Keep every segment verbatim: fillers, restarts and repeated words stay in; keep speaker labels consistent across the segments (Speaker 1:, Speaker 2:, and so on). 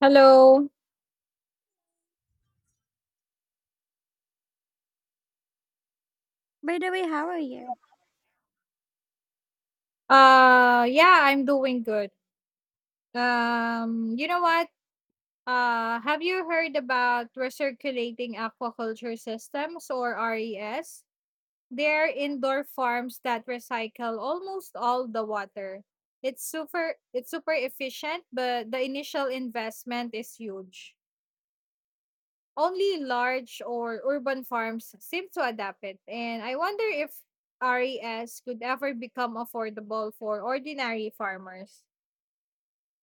Speaker 1: Hello.
Speaker 2: By the way, how are you?
Speaker 1: Uh yeah, I'm doing good. Um you know what? Uh have you heard about recirculating aquaculture systems or R E S? They're indoor farms that recycle almost all the water. It's super it's super efficient, but the initial investment is huge. Only large or urban farms seem to adapt it, and I wonder if R E S could ever become affordable for ordinary farmers.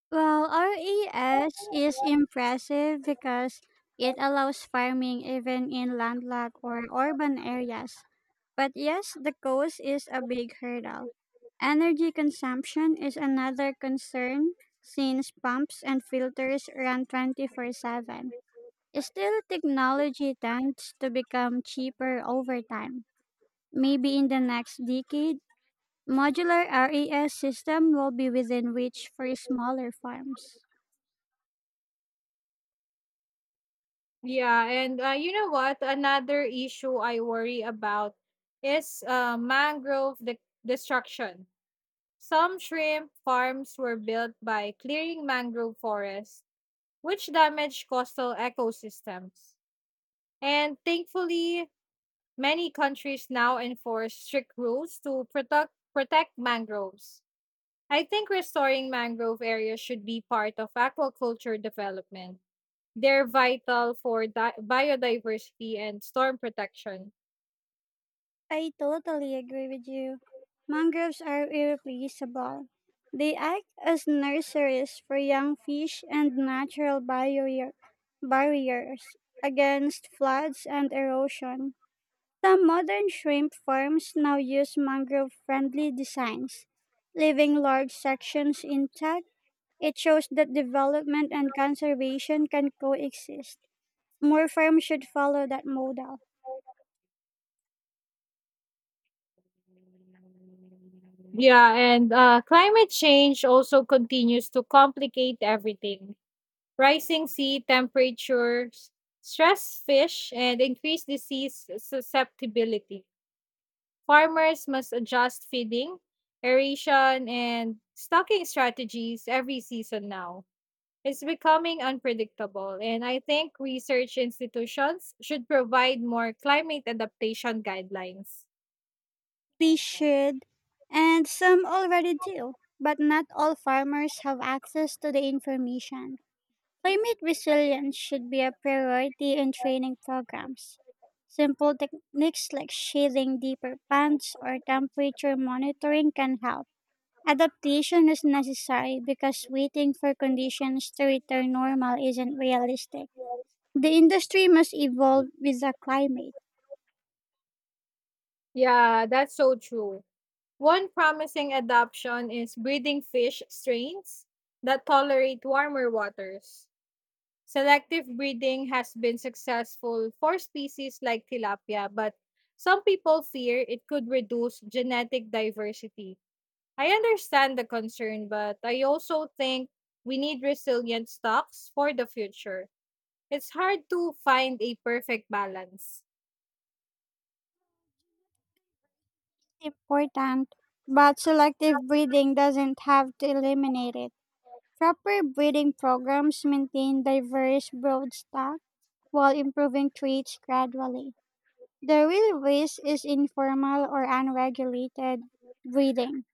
Speaker 2: Well, R E S is impressive because it allows farming even in landlocked or urban areas. But yes, the cost is a big hurdle. Energy consumption is another concern since pumps and filters run twenty four seven. Still, technology tends to become cheaper over time. Maybe in the next decade, modular R A S system will be within reach for smaller farms.
Speaker 1: Yeah, and uh, you know what? Another issue I worry about is uh, mangrove de- destruction. Some shrimp farms were built by clearing mangrove forests, which damage coastal ecosystems. And thankfully, many countries now enforce strict rules to protect protect mangroves. I think restoring mangrove areas should be part of aquaculture development. They're vital for di- biodiversity and storm protection.
Speaker 2: I totally agree with you. Mangroves are irreplaceable. They act as nurseries for young fish and natural barrier- barriers against floods and erosion. Some modern shrimp farms now use mangrove friendly designs, leaving large sections intact. It shows that development and conservation can coexist. More firms should follow that model.
Speaker 1: Yeah, and uh, climate change also continues to complicate everything. Rising sea temperatures stress fish and increase disease susceptibility. Farmers must adjust feeding, aeration, and stocking strategies every season now. It's becoming unpredictable, and I think research institutions should provide more climate adaptation guidelines.
Speaker 2: They should, and some already do, but not all farmers have access to the information. Climate resilience should be a priority in training programs. Simple techniques like shading deeper pants or temperature monitoring can help. Adaptation is necessary because waiting for conditions to return normal isn't realistic. The industry must evolve with the climate.
Speaker 1: Yeah, that's so true. One promising adoption is breeding fish strains that tolerate warmer waters. Selective breeding has been successful for species like tilapia, but some people fear it could reduce genetic diversity. I understand the concern, but I also think we need resilient stocks for the future. It's hard to find a perfect balance.
Speaker 2: Important, but selective breeding doesn't have to eliminate it. Proper breeding programs maintain diverse brood stock while improving traits gradually. The real risk is informal or unregulated breeding.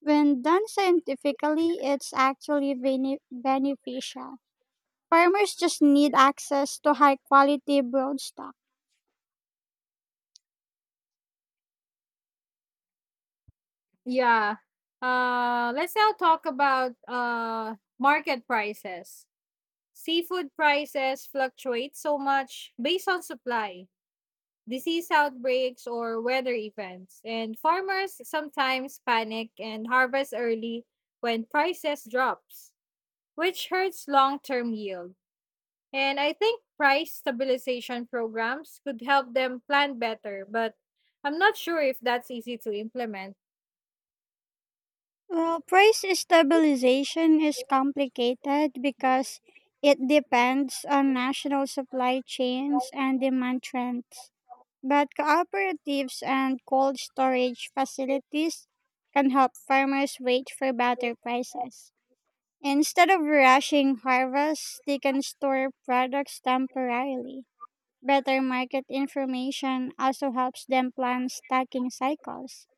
Speaker 2: When done scientifically, it's actually bene- beneficial. Farmers just need access to high quality broodstock.
Speaker 1: Yeah. Uh, let's now talk about uh, market prices. Seafood prices fluctuate so much based on supply, disease outbreaks, or weather events, and farmers sometimes panic and harvest early when prices drops, which hurts long-term yield. And I think price stabilization programs could help them plan better, but I'm not sure if that's easy to implement.
Speaker 2: Well, price stabilization is complicated because it depends on national supply chains and demand trends. But cooperatives and cold storage facilities can help farmers wait for better prices. Instead of rushing harvests, they can store products temporarily. Better market information also helps them plan stocking cycles.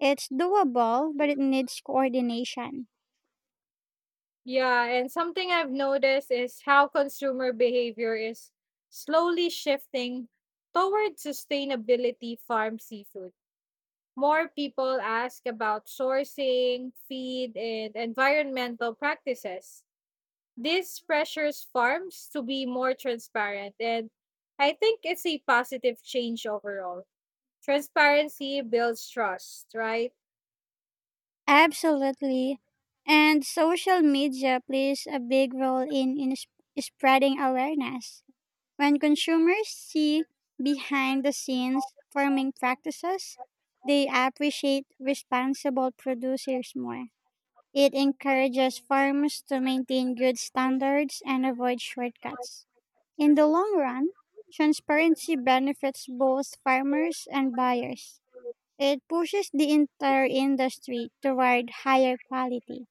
Speaker 2: It's doable, but it needs coordination.
Speaker 1: Yeah, and something I've noticed is how consumer behavior is slowly shifting toward sustainability farm seafood. More people ask about sourcing, feed, and environmental practices. This pressures farms to be more transparent, and I think it's a positive change overall. Transparency builds trust, right?
Speaker 2: Absolutely. And social media plays a big role in, in s- spreading awareness. When consumers see behind the scenes farming practices, they appreciate responsible producers more. It encourages farmers to maintain good standards and avoid shortcuts. In the long run, transparency benefits both farmers and buyers. It pushes the entire industry toward higher quality.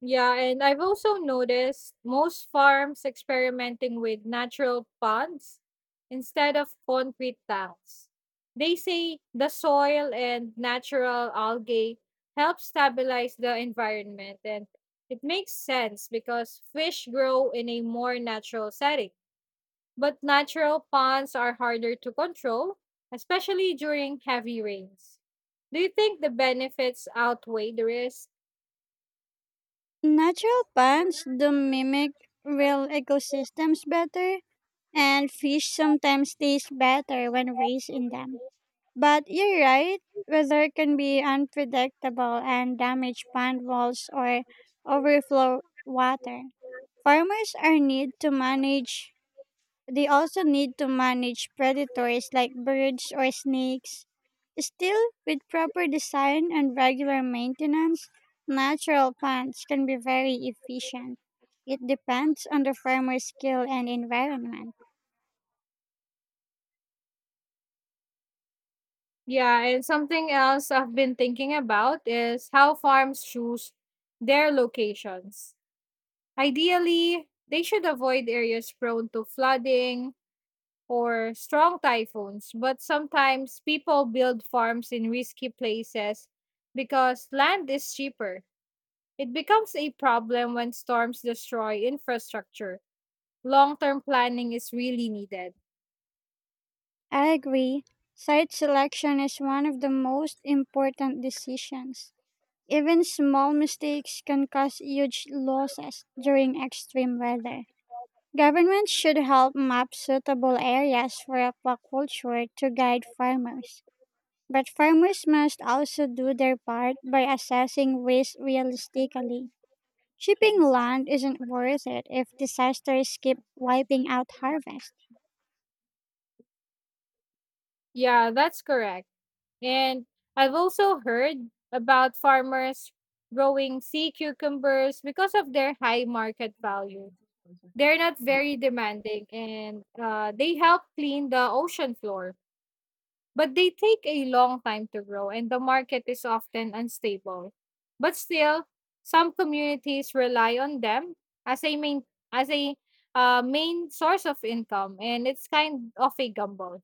Speaker 1: Yeah, and I've also noticed most farms experimenting with natural ponds instead of concrete tanks. They say the soil and natural algae help stabilize the environment, and it makes sense because fish grow in a more natural setting. But natural ponds are harder to control, especially during heavy rains. Do you think the benefits outweigh the risk?
Speaker 2: Natural plants do mimic real ecosystems better, and fish sometimes taste better when raised in them. But you're right, weather can be unpredictable and damage pond walls or overflow water. Farmers are need to manage They also need to manage predators like birds or snakes. Still, with proper design and regular maintenance, natural plants can be very efficient. It depends on the farmer's skill and environment.
Speaker 1: Yeah, and something else I've been thinking about is how farms choose their locations. Ideally, they should avoid areas prone to flooding or strong typhoons, but sometimes people build farms in risky places because land is cheaper. It becomes a problem when storms destroy infrastructure. Long term planning is really needed.
Speaker 2: I agree. Site selection is one of the most important decisions. Even small mistakes can cause huge losses during extreme weather. Governments should help map suitable areas for aquaculture to guide farmers. But farmers must also do their part by assessing risk realistically. Shipping land isn't worth it if disasters keep wiping out harvest.
Speaker 1: Yeah, that's correct. And I've also heard about farmers growing sea cucumbers because of their high market value. They're not very demanding and uh, they help clean the ocean floor. But they take a long time to grow and the market is often unstable. But still, some communities rely on them as a main as a uh, main source of income and it's kind of a gamble.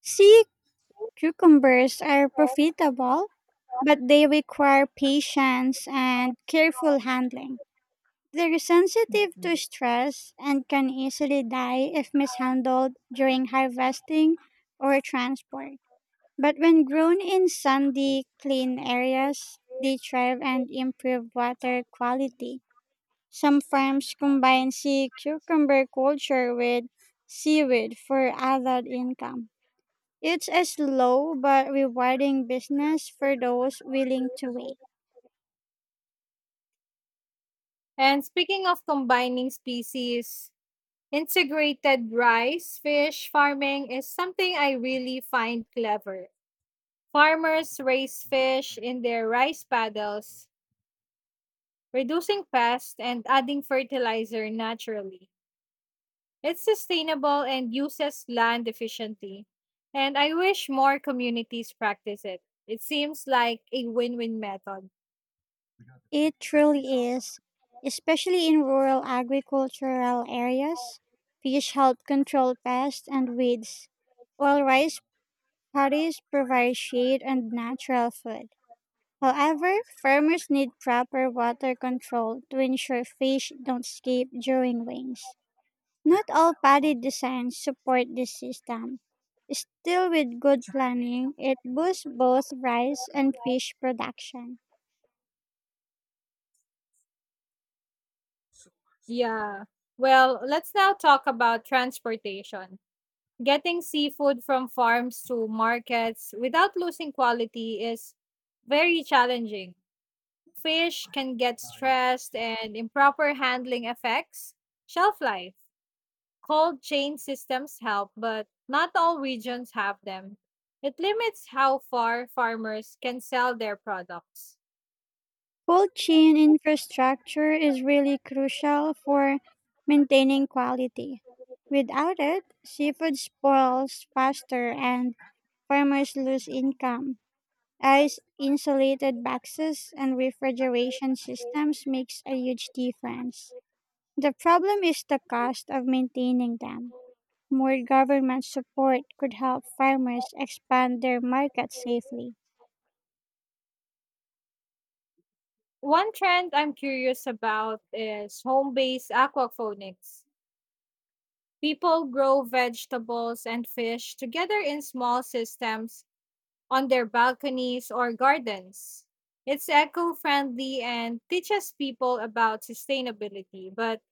Speaker 2: Sea cucumbers are profitable, but they require patience and careful handling. They're sensitive to stress and can easily die if mishandled during harvesting or transport. But when grown in sandy, clean areas, they thrive and improve water quality. Some farms combine sea cucumber culture with seaweed for added income. It's a slow but rewarding business for those willing to wait.
Speaker 1: And speaking of combining species, integrated rice fish farming is something I really find clever. Farmers raise fish in their rice paddles reducing pests, and adding fertilizer naturally. It's sustainable and uses land efficiently. And I wish more communities practice it. It seems like a win win method.
Speaker 2: It truly is, especially in rural agricultural areas. Fish help control pests and weeds, while rice paddies provide shade and natural food. However, farmers need proper water control to ensure fish don't escape during rains. Not all paddy designs support this system. Still, with good planning, it boosts both rice and fish production.
Speaker 1: Yeah. Well, let's now talk about transportation. Getting seafood from farms to markets without losing quality is very challenging. Fish can get stressed and improper handling affects shelf life. Cold chain systems help, but not all regions have them. It limits how far farmers can sell their products.
Speaker 2: Cold chain infrastructure is really crucial for maintaining quality. Without it, seafood spoils faster and farmers lose income. Ice insulated boxes and refrigeration systems makes a huge difference. The problem is the cost of maintaining them. More government support could help farmers expand their market safely.
Speaker 1: One trend I'm curious about is home based aquaponics. People grow vegetables and fish together in small systems on their balconies or gardens. It's eco friendly and teaches people about sustainability, but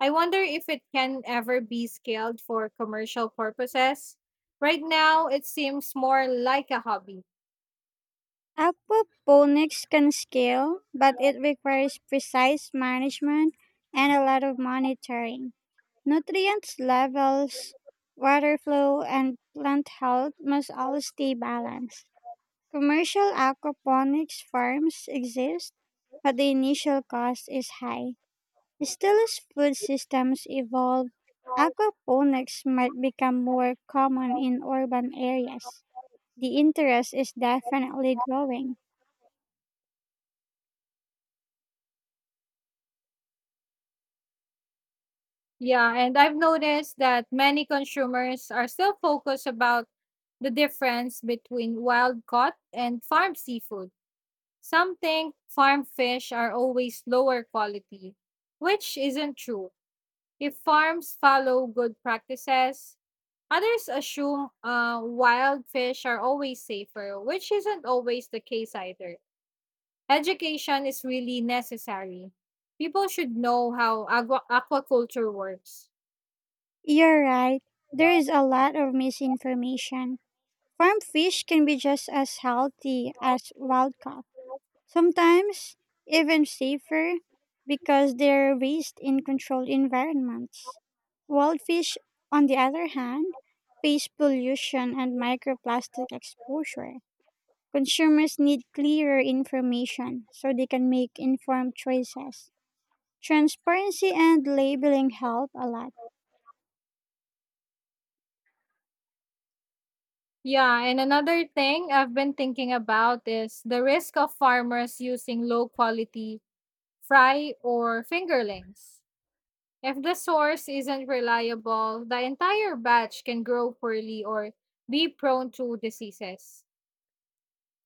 Speaker 1: I wonder if it can ever be scaled for commercial purposes. Right now, it seems more like a hobby.
Speaker 2: Aquaponics can scale, but it requires precise management and a lot of monitoring. Nutrient levels, water flow, and plant health must all stay balanced. Commercial aquaponics farms exist, but the initial cost is high. Still, as food systems evolve, aquaponics might become more common in urban areas. The interest is definitely growing.
Speaker 1: Yeah, and I've noticed that many consumers are still focused about the difference between wild caught and farm seafood. Some think farm fish are always lower quality, which isn't true. If farms follow good practices, others assume uh, wild fish are always safer, which isn't always the case either. Education is really necessary. People should know how aqua- aquaculture works.
Speaker 2: You're right, there is a lot of misinformation. Farm fish can be just as healthy as wild caught, sometimes even safer, because they're raised in controlled environments. Wildfish, on the other hand, face pollution and microplastic exposure. Consumers need clearer information so they can make informed choices. Transparency and labeling help a lot.
Speaker 1: Yeah, and another thing I've been thinking about is the risk of farmers using low quality fry or fingerlings. If the source isn't reliable, the entire batch can grow poorly or be prone to diseases.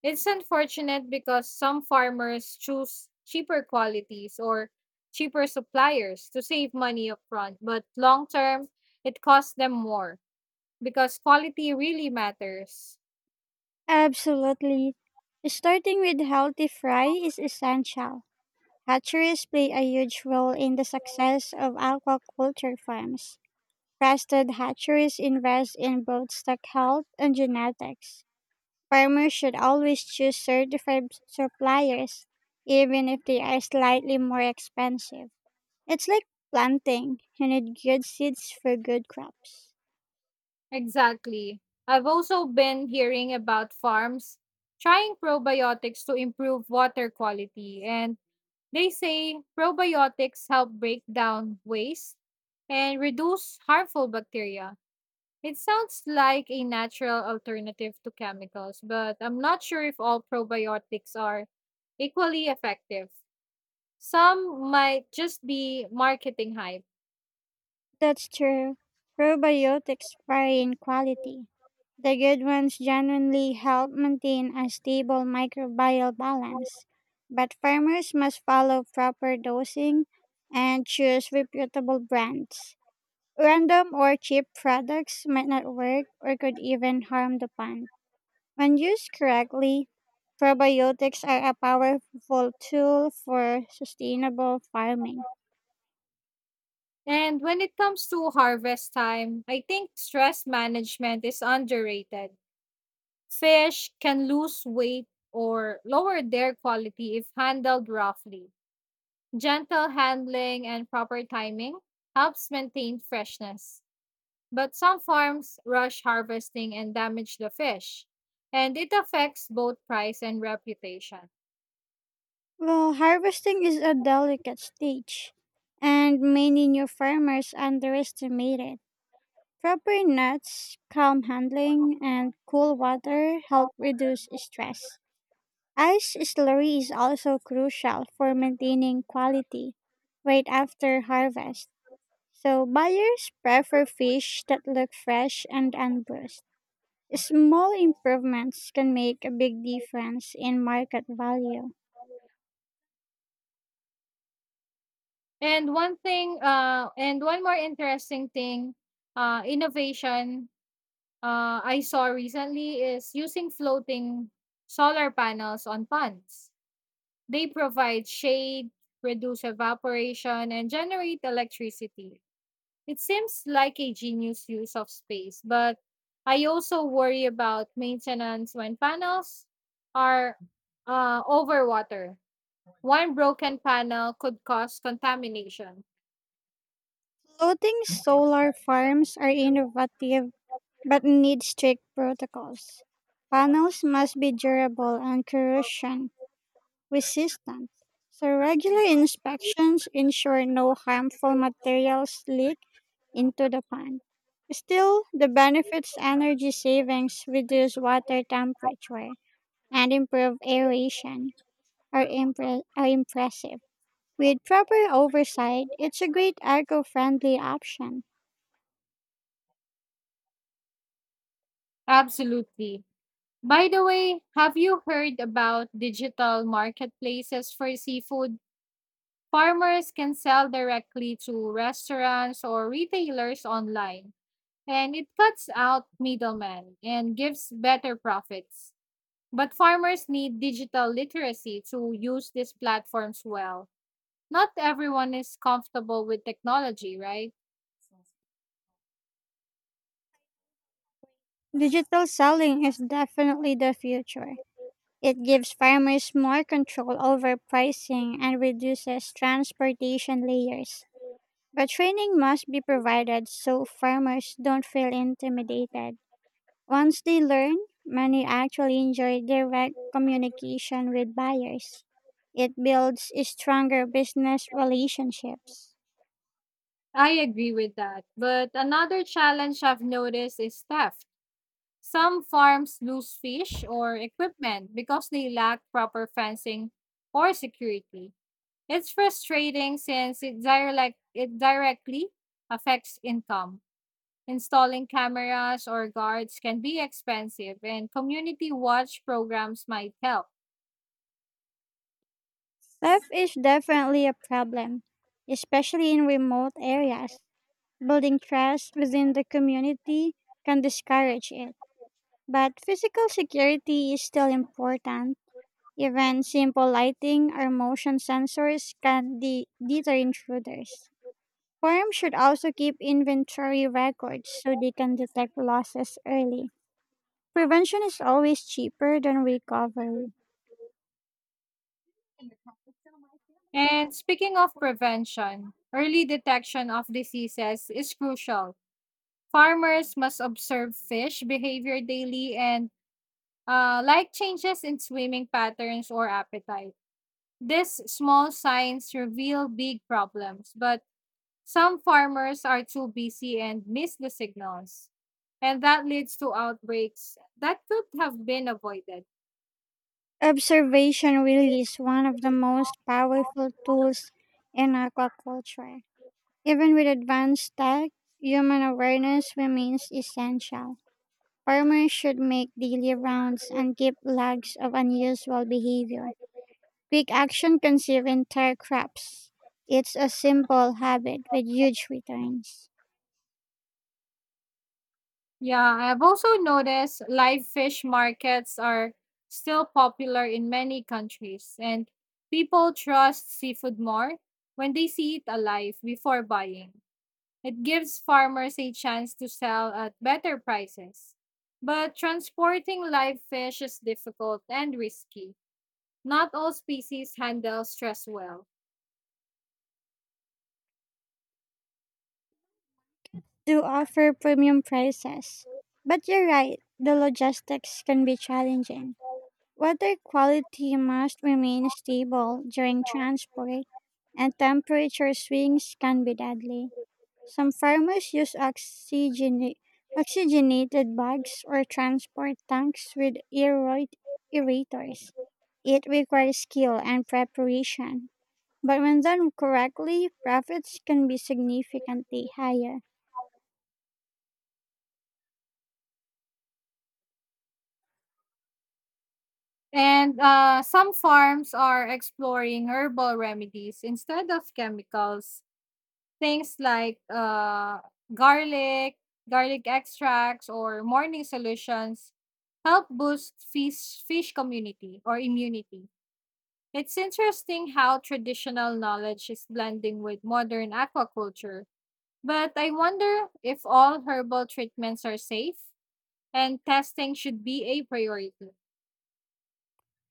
Speaker 1: It's unfortunate because some farmers choose cheaper qualities or cheaper suppliers to save money upfront, but long term, it costs them more because quality really matters.
Speaker 2: Absolutely. Starting with healthy fry is essential. Hatcheries play a huge role in the success of aquaculture farms. Trusted hatcheries invest in both stock health and genetics. Farmers should always choose certified suppliers, even if they are slightly more expensive. It's like planting, you need good seeds for good crops.
Speaker 1: Exactly. I've also been hearing about farms trying probiotics to improve water quality, and they say probiotics help break down waste and reduce harmful bacteria. It sounds like a natural alternative to chemicals, but I'm not sure if all probiotics are equally effective. Some might just be marketing hype.
Speaker 2: That's true. Probiotics vary in quality. The good ones genuinely help maintain a stable microbial balance, but farmers must follow proper dosing and choose reputable brands. Random or cheap products might not work or could even harm the plant. When used correctly, probiotics are a powerful tool for sustainable farming.
Speaker 1: And when it comes to harvest time, I think stress management is underrated. Fish can lose weight or lower their quality if handled roughly. Gentle handling and proper timing helps maintain freshness. But some farms rush harvesting and damage the fish, and it affects both price and reputation.
Speaker 2: Well, harvesting is a delicate stage, and many new farmers underestimate it. Proper nuts, calm handling, and cool water help reduce stress. Ice slurry is also crucial for maintaining quality right after harvest. So buyers prefer fish that look fresh and unbruised. Small improvements can make a big difference in market value.
Speaker 1: And one thing, uh, and one more interesting thing, uh, innovation uh, I saw recently is using floating solar panels on ponds. They provide shade, reduce evaporation, and generate electricity. It seems like a genius use of space, but I also worry about maintenance when panels are uh, over water. One broken panel could cause contamination.
Speaker 2: Floating solar farms are innovative but need strict protocols. Panels must be durable and corrosion resistant, so regular inspections ensure no harmful materials leak into the pond. Still, the benefits energy savings reduce water temperature and improve aeration are, impre- are impressive. With proper oversight, it's a great eco-friendly option.
Speaker 1: Absolutely. By the way, have you heard about digital marketplaces for seafood? Farmers can sell directly to restaurants or retailers online, and it cuts out middlemen and gives better profits. But farmers need digital literacy to use these platforms well. Not everyone is comfortable with technology, right?
Speaker 2: Digital selling is definitely the future. It gives farmers more control over pricing and reduces transportation layers. But training must be provided so farmers don't feel intimidated. Once they learn, many actually enjoy direct communication with buyers. It builds stronger business relationships.
Speaker 1: I agree with that. But another challenge I've noticed is theft. Some farms lose fish or equipment because they lack proper fencing or security. It's frustrating since it direct it directly affects income. Installing cameras or guards can be expensive, and community watch programs might help.
Speaker 2: Theft is definitely a problem, especially in remote areas. Building trust within the community can discourage it. But physical security is still important. Even simple lighting or motion sensors can de- deter intruders. Firms should also keep inventory records so they can detect losses early. Prevention is always cheaper than recovery.
Speaker 1: And speaking of prevention, early detection of diseases is crucial. Farmers must observe fish behavior daily and uh, like changes in swimming patterns or appetite. These small signs reveal big problems, but some farmers are too busy and miss the signals, and that leads to outbreaks that could have been avoided.
Speaker 2: Observation really is one of the most powerful tools in aquaculture. Even with advanced tech, human awareness remains essential. Farmers should make daily rounds and keep logs of unusual behavior. Quick action can save entire crops. It's a simple habit with huge returns.
Speaker 1: Yeah, I've also noticed live fish markets are still popular in many countries, and people trust seafood more when they see it alive before buying. It gives farmers a chance to sell at better prices. But transporting live fish is difficult and risky. Not all species handle stress well.
Speaker 2: Do offer premium prices. But you're right, the logistics can be challenging. Water quality must remain stable during transport, and temperature swings can be deadly. Some farmers use oxygena- oxygenated bags or transport tanks with aeroid aerators. It requires skill and preparation, but when done correctly, profits can be significantly higher.
Speaker 1: And uh, some farms are exploring herbal remedies instead of chemicals. Things like uh, garlic, garlic extracts, or morning solutions help boost fish, fish community or immunity. It's interesting how traditional knowledge is blending with modern aquaculture. But I wonder if all herbal treatments are safe and testing should be a priority.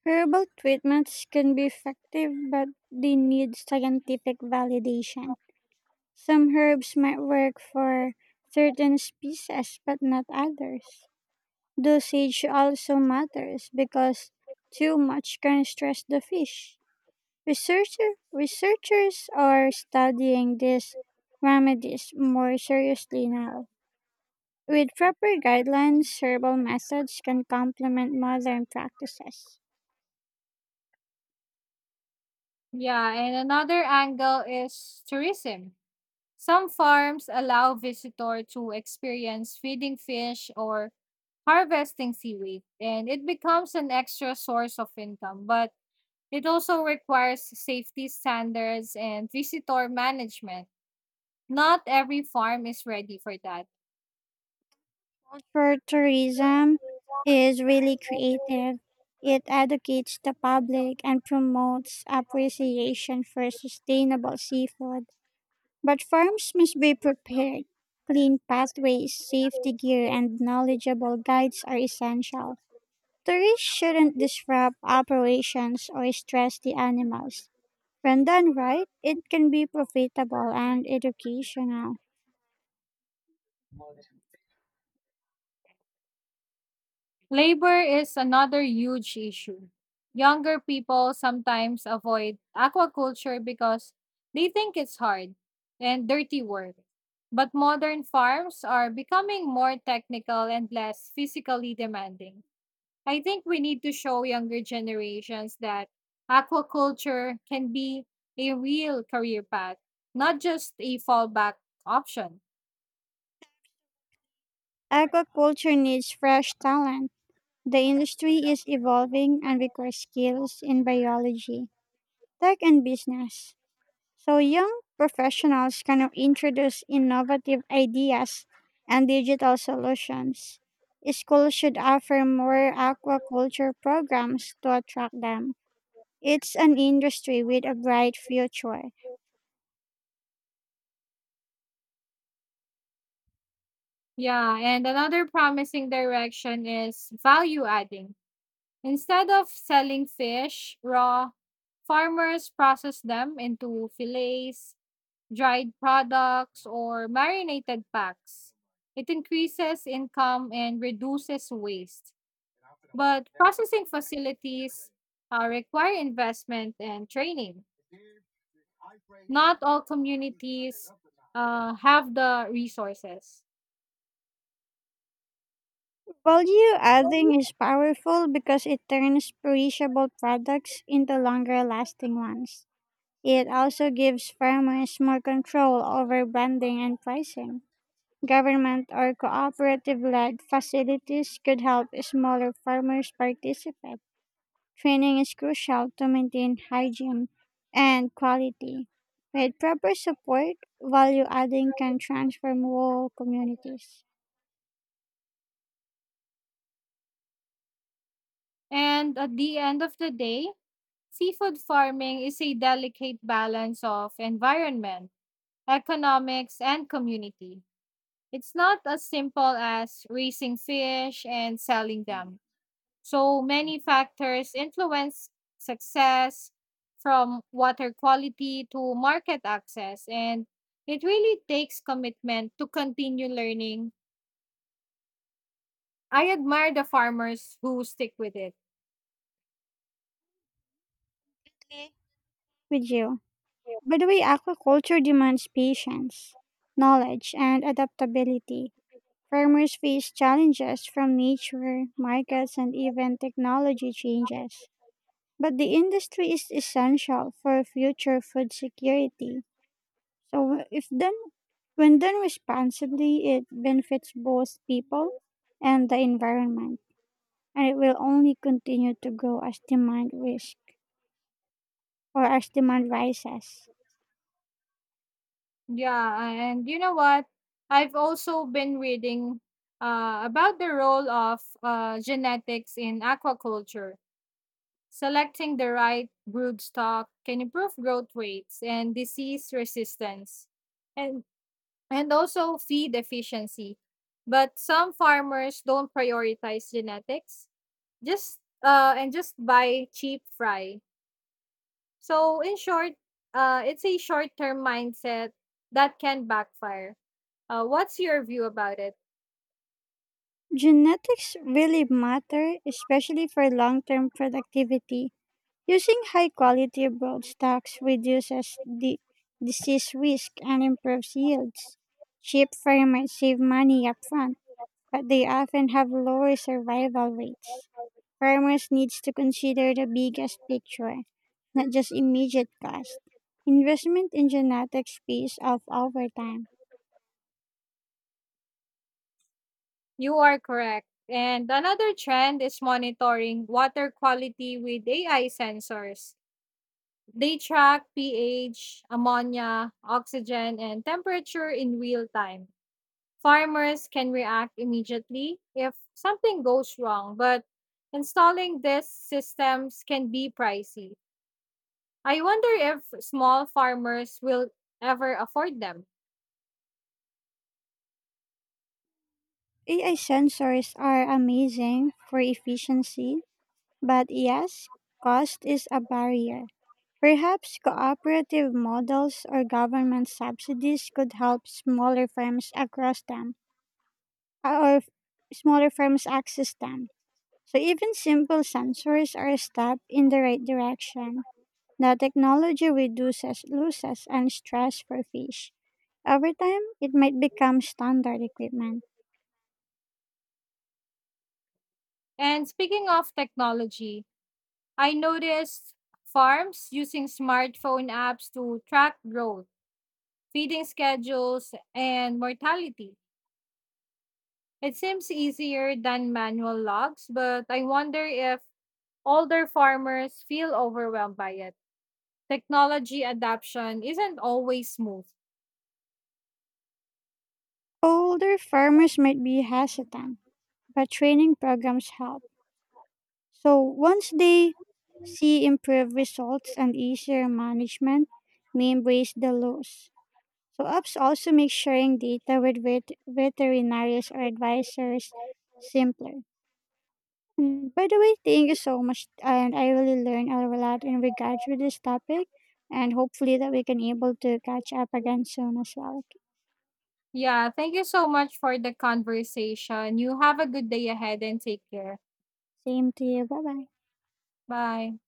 Speaker 2: Herbal treatments can be effective, but they need scientific validation. Some herbs might work for certain species, but not others. Dosage also matters because too much can stress the fish. Researcher, researchers are studying these remedies more seriously now. With proper guidelines, herbal methods can complement modern practices.
Speaker 1: Yeah, and another angle is tourism. Some farms allow visitor to experience feeding fish or harvesting seaweed, and it becomes an extra source of income, but it also requires safety standards and visitor management. Not every farm is ready for that.
Speaker 2: Culture tourism is really creative. It educates the public and promotes appreciation for sustainable seafood. But farms must be prepared. Clean pathways, safety gear, and knowledgeable guides are essential. Tourists shouldn't disrupt operations or stress the animals. When done right, it can be profitable and educational.
Speaker 1: Labor is another huge issue. Younger people sometimes avoid aquaculture because they think it's hard and dirty work. But modern farms are becoming more technical and less physically demanding. I think we need to show younger generations that aquaculture can be a real career path, not just a fallback option.
Speaker 2: Aquaculture needs fresh talent. The industry is evolving and requires skills in biology, tech, and business. So young professionals can introduce innovative ideas and digital solutions. Schools should offer more aquaculture programs to attract them. It's an industry with a bright future.
Speaker 1: Yeah, and another promising direction is value adding. Instead of selling fish raw, farmers process them into fillets, dried products, or marinated packs. It increases income and reduces waste. But processing facilities uh, require investment and training. Not all communities uh, have the resources.
Speaker 2: Value adding is powerful because it turns perishable products into longer lasting ones. It also gives farmers more control over branding and pricing. Government or cooperative led facilities could help smaller farmers participate. Training is crucial to maintain hygiene and quality. With proper support, value adding can transform whole communities.
Speaker 1: And at the end of the day, seafood farming is a delicate balance of environment economics, and community. It's not as simple as raising fish and selling them. So many factors influence success from water quality to market access, and it really takes commitment to continue learning. I admire the farmers who stick with it.
Speaker 2: Exactly. With you. By the way, aquaculture demands patience, knowledge, and adaptability. Farmers face challenges from nature, markets, and even technology changes. But the industry is essential for future food security. So if done when done responsibly, it benefits both people and the environment. And it will only continue to grow as demand risk or as demand rises.
Speaker 1: Yeah, and you know what? I've also been reading uh, about the role of uh, genetics in aquaculture. Selecting the right broodstock can improve growth rates and disease resistance and and also feed efficiency. But some farmers don't prioritize genetics, just uh and just buy cheap fry. So in short, uh it's a short-term mindset that can backfire. Uh what's your view about it?
Speaker 2: Genetics really matter, especially for long term productivity. Using high quality broad stocks reduces the disease risk and improves yields. Cheap farmers save money upfront but they often have lower survival rates. Farmers needs to consider the biggest picture, not just immediate cost. Investment in genetics pays off over time.
Speaker 1: You are correct. And another trend is monitoring water quality with A I sensors. They track pH, ammonia, oxygen, and temperature in real time. Farmers can react immediately if something goes wrong, but installing these systems can be pricey. I wonder if small farmers will ever afford them.
Speaker 2: A I sensors are amazing for efficiency, but yes, cost is a barrier. Perhaps cooperative models or government subsidies could help smaller firms across them or smaller firms access them. So even simple sensors are a step in the right direction. The technology reduces losses and stress for fish. Over time, it might become standard equipment.
Speaker 1: And speaking of technology, I noticed farms using smartphone apps to track growth, feeding schedules, and mortality. It seems easier than manual logs, but I wonder if older farmers feel overwhelmed by it. Technology adoption isn't always smooth.
Speaker 2: Older farmers might be hesitant, but training programs help. So once they see improved results and easier management, may embrace the loss. So apps also make sharing data with vet- veterinarians or advisors simpler. Mm, by the way, thank you so much, and I really learned a lot in regards with this topic, and hopefully that we can able to catch up again soon as well.
Speaker 1: Yeah, thank you so much for the conversation. You have a good day ahead and take care.
Speaker 2: Same to you. Bye bye.
Speaker 1: Bye.